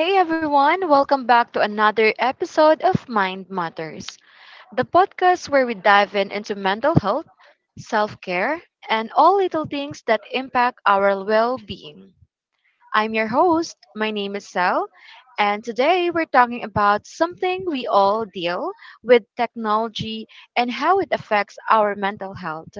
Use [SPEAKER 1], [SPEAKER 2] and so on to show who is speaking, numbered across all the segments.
[SPEAKER 1] Hey everyone, welcome back to another episode of Mind Matters, the podcast where we dive in into mental health, self care, and all little things that impact our well being. I'm your host, my name is Sel, and today we're talking about something we all deal with technology and how it affects our mental health.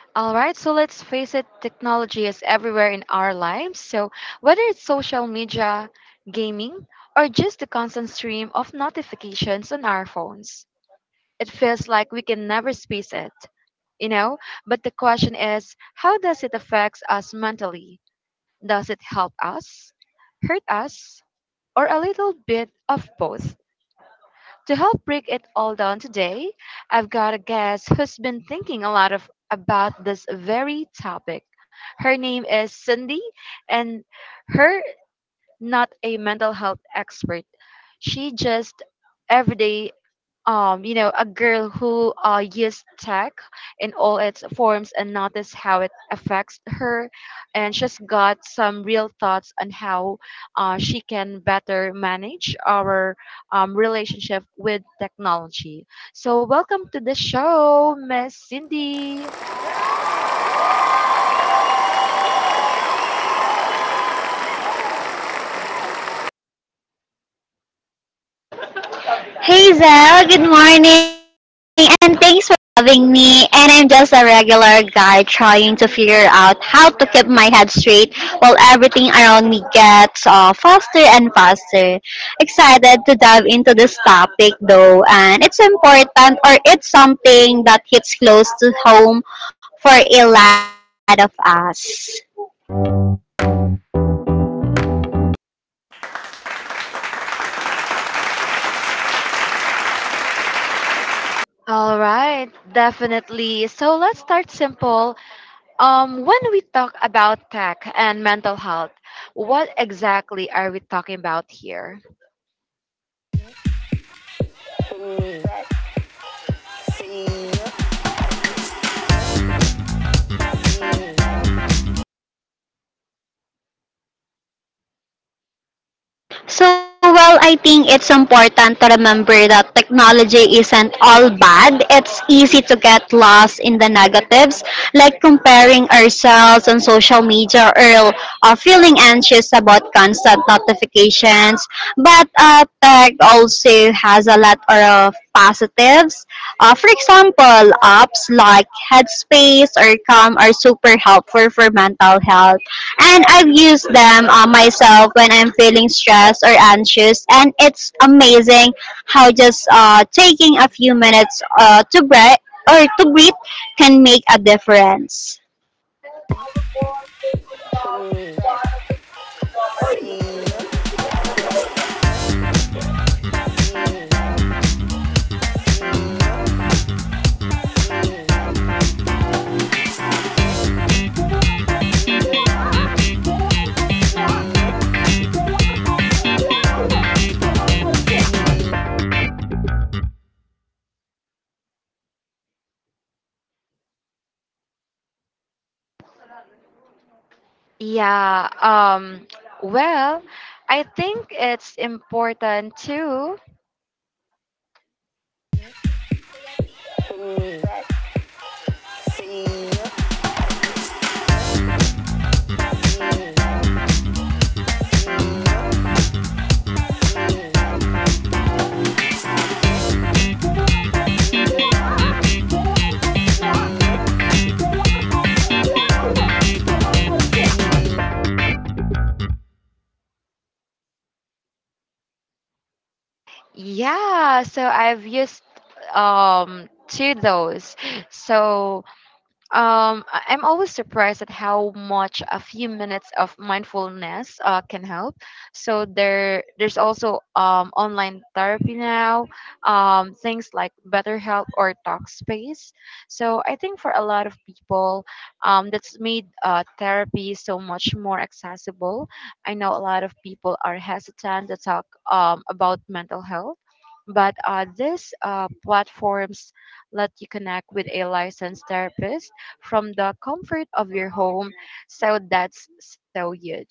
[SPEAKER 1] All right, so let's face it, technology is everywhere in our lives. So whether it's social media, gaming, or just the constant stream of notifications on our phones, it feels like we can never space it, you know? But the question is, how does it affect us mentally? Does it help us, hurt us, or a little bit of both? To help break it all down today, I've got a guest who's been thinking a lot of about this very topic. Her name is Cindy, and her not a mental health expert. She just everyday a girl who used tech in all its forms and noticed how it affects her, and she's got some real thoughts on how she can better manage our relationship with technology. So welcome to the show, Miss Cindy.
[SPEAKER 2] Hey Hazel, good morning, and thanks for having me. And I'm just a regular guy trying to figure out how to keep my head straight while everything around me gets faster and faster. Excited to dive into this topic though, and it's important or it's something that hits close to home for a lot of us.
[SPEAKER 1] All right, definitely. So let's start simple. When we talk about tech and mental health, what exactly are we talking about here?
[SPEAKER 2] I think it's important to remember that technology isn't all bad. It's easy to get lost in the negatives, like comparing ourselves on social media or feeling anxious about constant notifications. But tech also has a lot of positives. For example, apps like Headspace or Calm are super helpful for mental health, and I've used them myself when I'm feeling stressed or anxious. And it's amazing how just taking a few minutes to breath or to breathe can make a difference.
[SPEAKER 1] Yeah, well, I think it's important too. Yeah, so I've used two those. So, I'm always surprised at how much a few minutes of mindfulness can help. So there's also online therapy now, things like BetterHelp or Talkspace. So I think for a lot of people, that's made therapy so much more accessible. I know a lot of people are hesitant to talk about mental health. But these platforms let you connect with a licensed therapist from the comfort of your home. So that's so huge.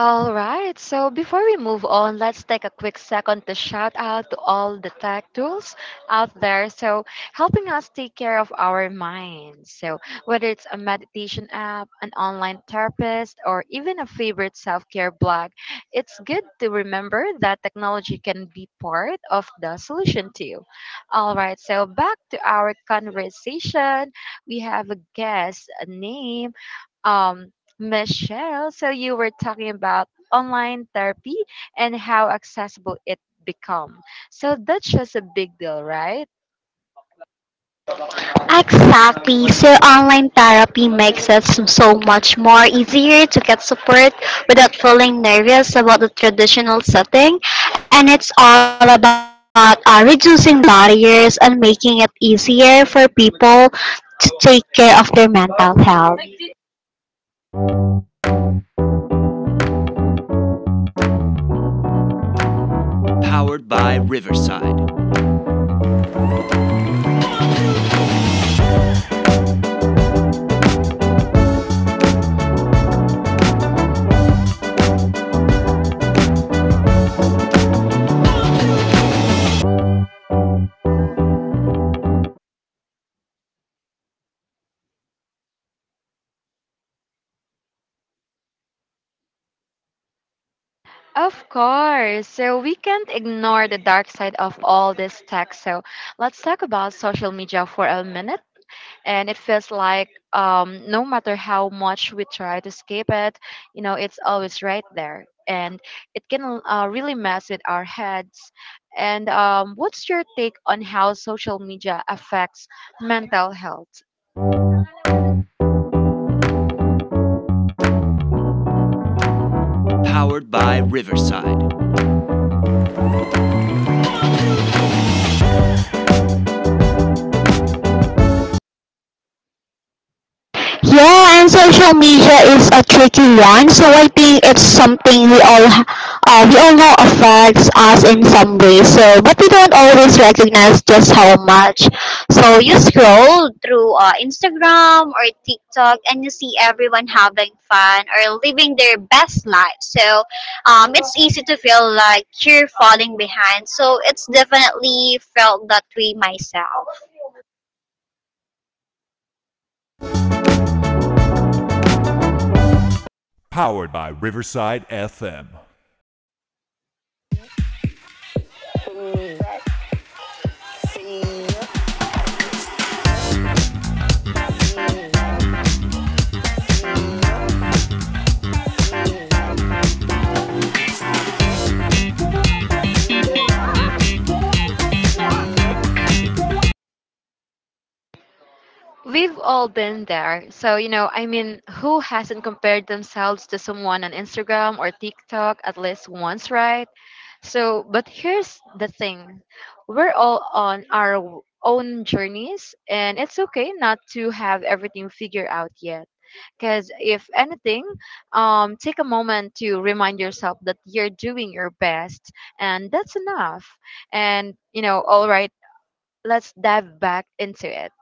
[SPEAKER 1] All right, so before we move on, let's take a quick second to shout out to all the tech tools out there. So helping us take care of our minds. So whether it's a meditation app, an online therapist, or even a favorite self care blog, it's good to remember that technology can be part of the solution too. All right, so back to our conversation. We have a guest, name um, Michelle, so you were talking about online therapy and how accessible it become. So that's just a big deal, right?
[SPEAKER 2] Exactly. So online therapy makes so much more easier to get support without feeling nervous about the traditional setting. And it's all about reducing barriers and making it easier for people to take care of their mental health.
[SPEAKER 1] Of course. So we can't ignore the dark side of all this tech. So let's talk about social media for a minute, and it feels like no matter how much we try to escape it, it's always right there, and it can really mess with our heads. And what's your take on how social media affects mental health?
[SPEAKER 2] Yeah, and social media is a tricky one, so I think it's something we all know affects us in some way. So, but we don't always recognize just how much. So you scroll through Instagram or TikTok, and you see everyone having fun or living their best life. So it's easy to feel like you're falling behind. So it's definitely felt that way myself.
[SPEAKER 1] We've all been there. So I mean, who hasn't compared themselves to someone on Instagram or TikTok at least once, right? So, but here's the thing, we're all on our own journeys, and it's okay not to have everything figured out yet. Because if anything, take a moment to remind yourself that you're doing your best, and that's enough. And, all right, let's dive back into it.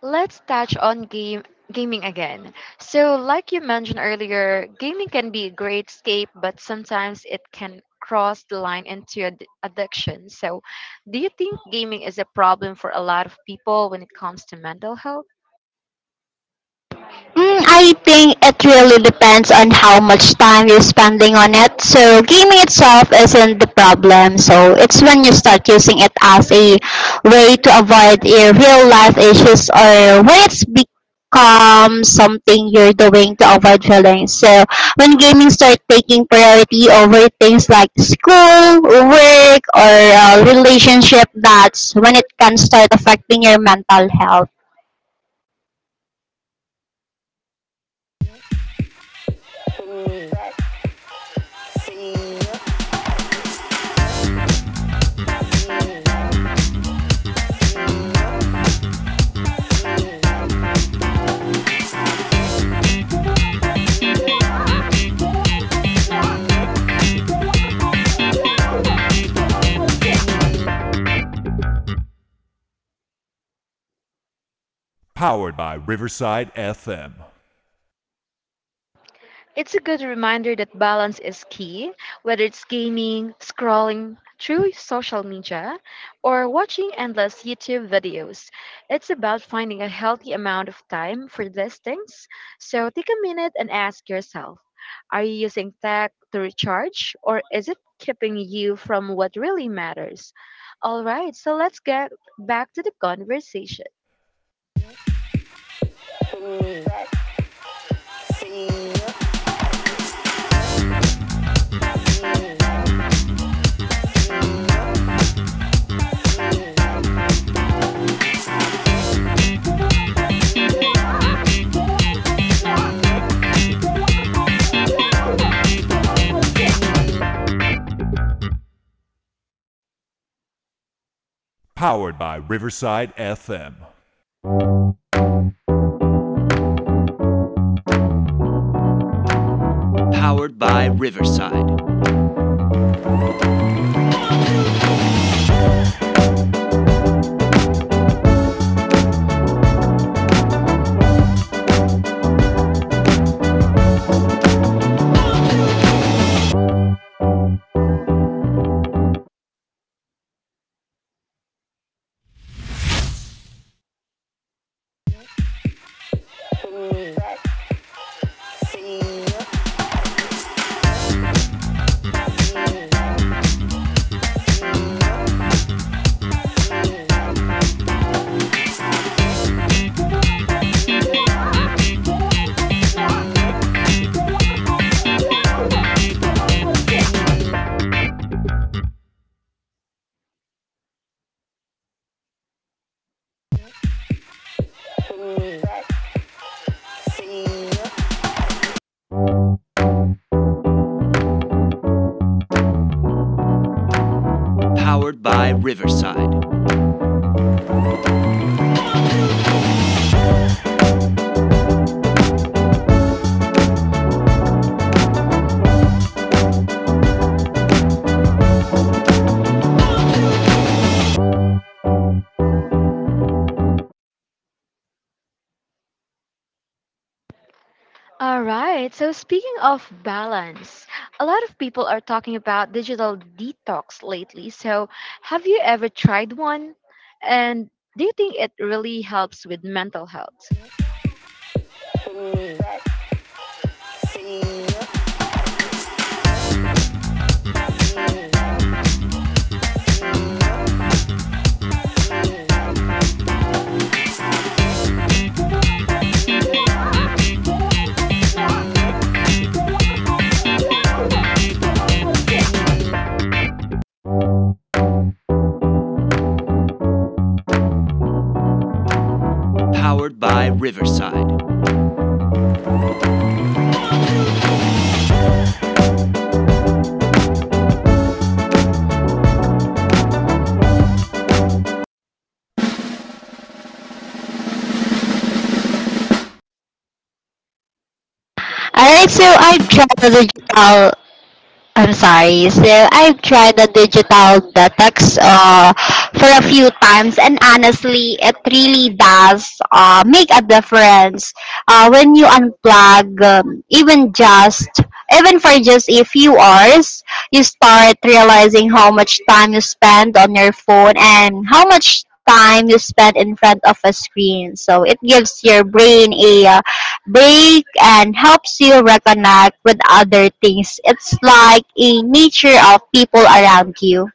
[SPEAKER 1] Let's touch on game gaming again. So, like you mentioned earlier, gaming can be a great escape, but sometimes it can cross the line into addiction. So do you think gaming is a problem for a lot of people when it comes to mental health?
[SPEAKER 2] Mm, I think it really depends on how much time you're spending on it. So, gaming itself isn't the problem. So, it's when you start using it as a way to avoid your real life issues or when it's become something you're doing to avoid feelings. So, when gaming start taking priority over things like school, work, or relationship, that's when it can start affecting your mental health.
[SPEAKER 1] It's a good reminder that balance is key, whether it's gaming, scrolling through social media, or watching endless YouTube videos. It's about finding a healthy amount of time for these things. So take a minute and ask yourself, are you using tech to recharge, or is it keeping you from what really matters? All right, so let's get back to the conversation. All right. So, speaking of balance, a lot of people are talking about digital detox lately. So have you ever tried one? And do you think it really helps with mental health?
[SPEAKER 2] Alright, so I've tried the digital I'm sorry. So I've tried the digital detox for a few times, and honestly, it really does make a difference when you unplug, even for just a few hours. You start realizing how much time you spend on your phone and how much time you spend in front of a screen. So it gives your brain a break and helps you reconnect with other things. It's like a nature of people around you.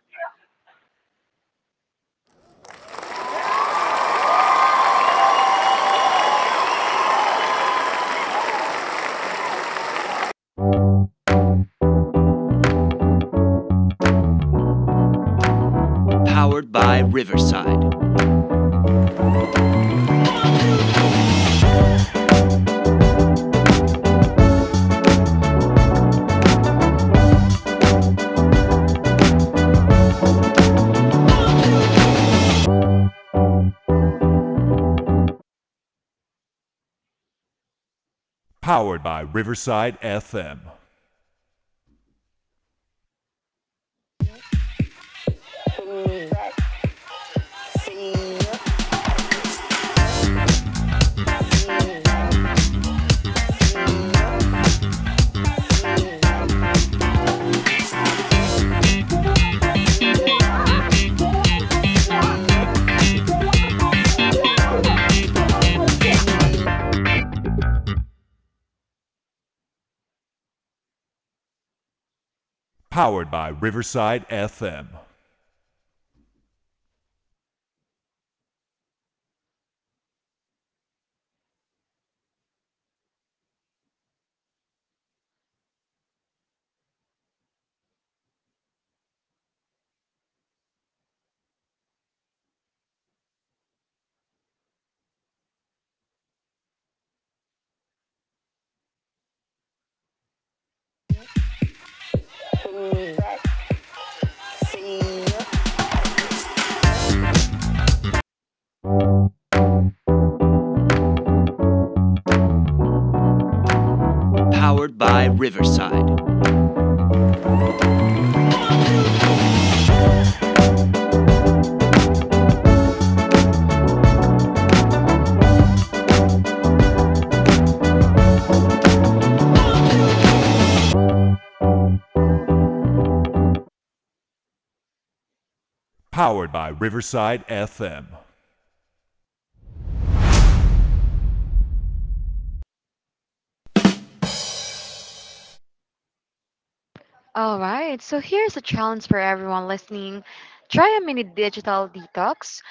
[SPEAKER 1] All right. So here's a challenge for everyone listening: try a mini digital detox.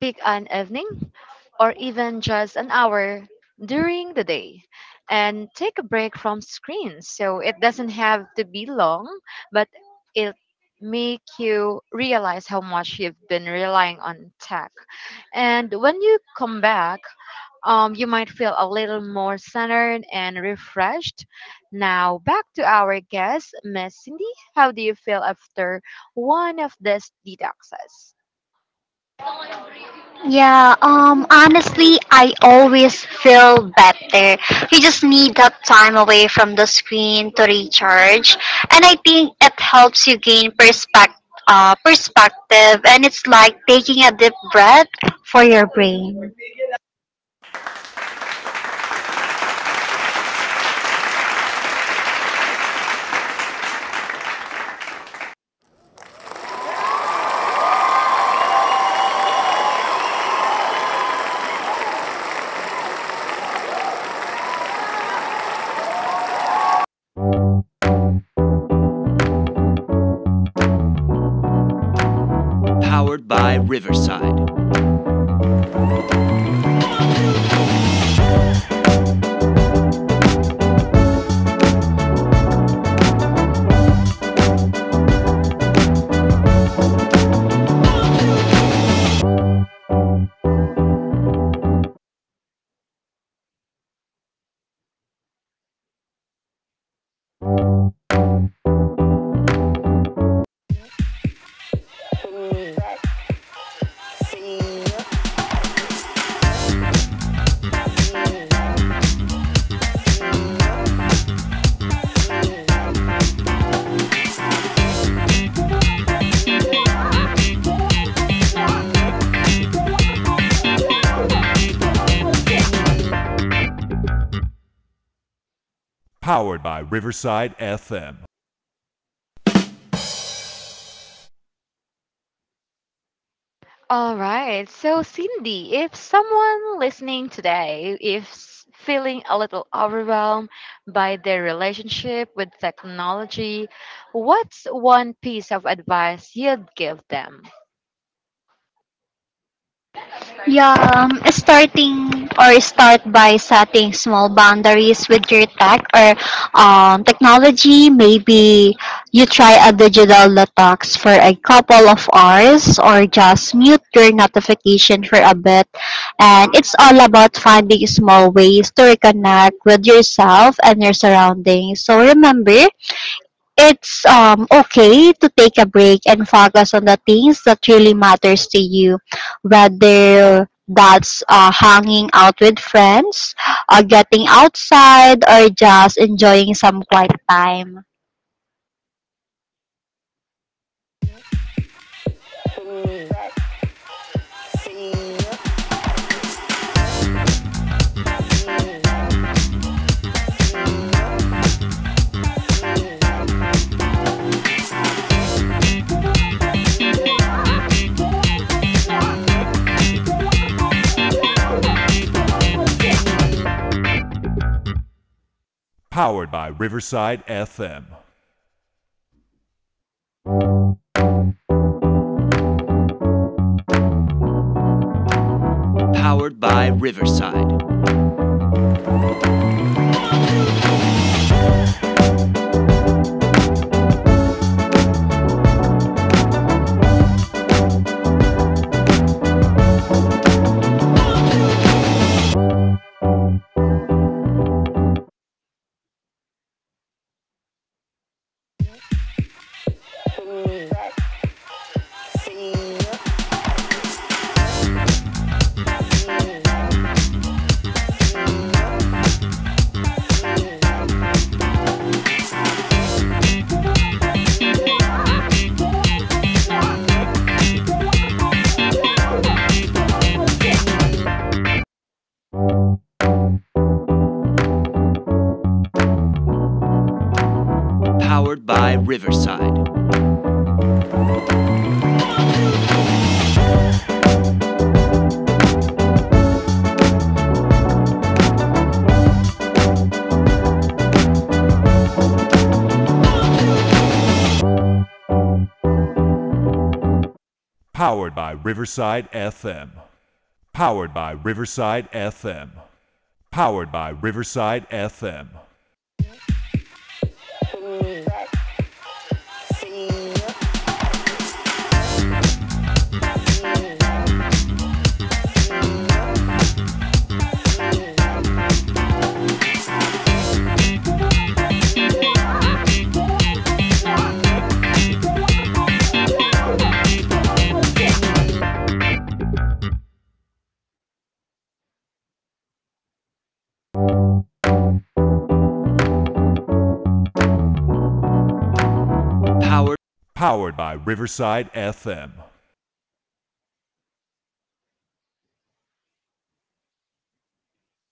[SPEAKER 1] Pick an evening or even just an hour during the day and take a break from screens. So it doesn't have to be long, but it make you realize how much you've been relying on tech. And when you come back, you might feel a little more centered and refreshed. Now back to our guest, Miss Cindy. How do you feel after one of these detoxes?
[SPEAKER 2] Yeah, honestly, I always feel better. You just need that time away from the screen to recharge. And I think it helps you gain perspective. Perspective and it's like taking a deep breath for your brain.
[SPEAKER 1] All right. So, Cindy, if someone listening today is feeling a little overwhelmed by their relationship with technology, what's one piece of advice you'd give them?
[SPEAKER 2] Yeah, start by setting small boundaries with your tech or technology. Maybe you try a digital detox for a couple of hours or just mute your notification for a bit. And it's all about finding small ways to reconnect with yourself and your surroundings. So remember, it's okay to take a break and focus on the things that really matters to you, whether that's hanging out with friends, getting outside, or just enjoying some quiet time.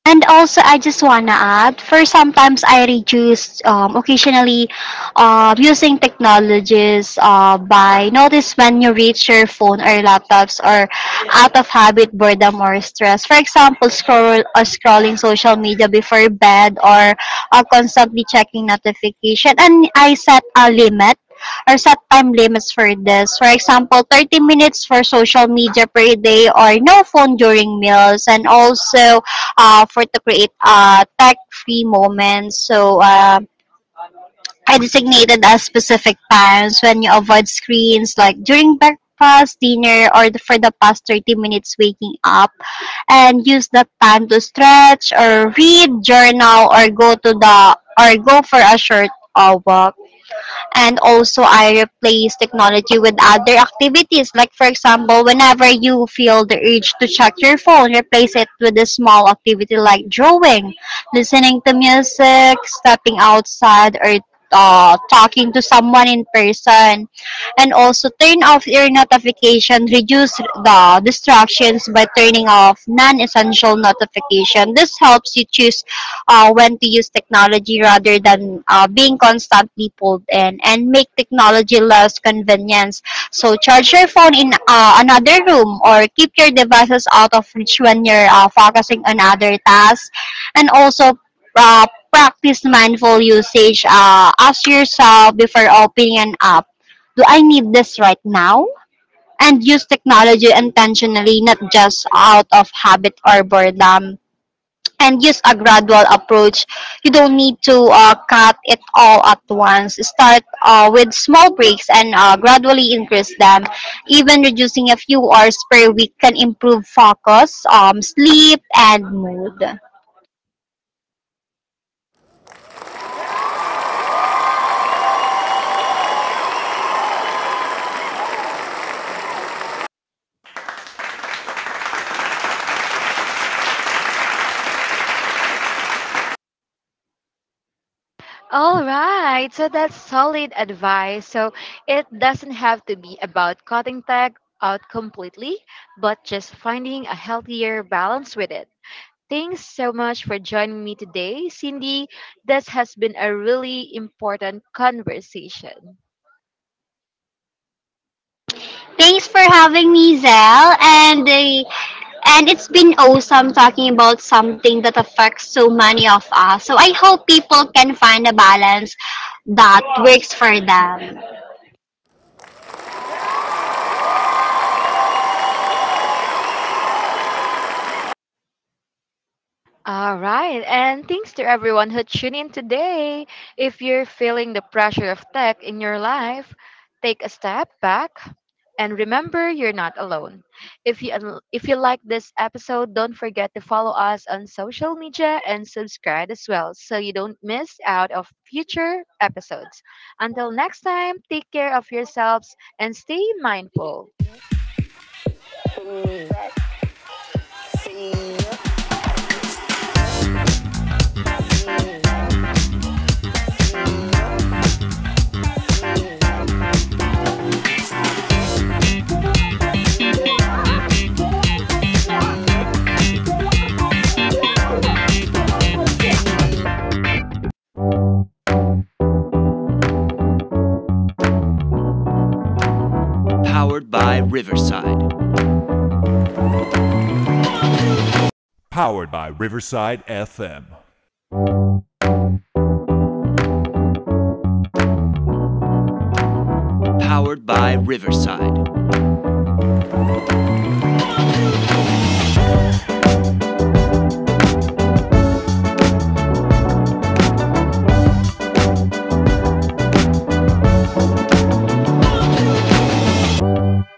[SPEAKER 2] And also, I just wanna add, for sometimes I reduce occasionally using technologies by notice when you reach your phone or laptops or out of habit, boredom or stress. For example, scrolling social media before bed or constantly checking notification. And I set a limit or set time limits for this. For example, 30 minutes for social media per day or no phone during meals, and also for to create a tech-free moment. So I designated as specific times when you avoid screens, like during breakfast, dinner, for the past 30 minutes waking up, and use that time to stretch or read, journal, or go for a short walk. And also, I replace technology with other activities. Like for example, whenever you feel the urge to check your phone, replace it with a small activity like drawing, listening to music, stepping outside, or talking to someone in person. And also, turn off your notification, reduce the distractions by turning off non-essential notification. This helps you choose when to use technology rather than being constantly pulled in and make technology less convenience. So charge your phone in another room or keep your devices out of reach when you're focusing on other tasks. And also, uh, practice mindful usage. Ask yourself before opening an app, do I need this right now? And use technology intentionally, not just out of habit or boredom, and use a gradual approach. You don't need to cut it all at once. Start with small breaks and gradually increase them. Even reducing a few hours per week can improve focus, sleep, and mood.
[SPEAKER 1] All right. So that's solid advice. So it doesn't have to be about cutting tech out completely, but just finding a healthier balance with it. Thanks so much for joining me today, Cindy. This has been a really important conversation.
[SPEAKER 2] Thanks for having me, Zell. And it's been awesome talking about something that affects so many of us. So I hope people can find a balance that works for them.
[SPEAKER 1] All right, and thanks to everyone who tuned in today. If you're feeling the pressure of tech in your life, take a step back and remember, you're not alone. If if you like this episode, don't forget to follow us on social media and subscribe as well so you don't miss out of future episodes. Until next time, take care of yourselves and stay mindful.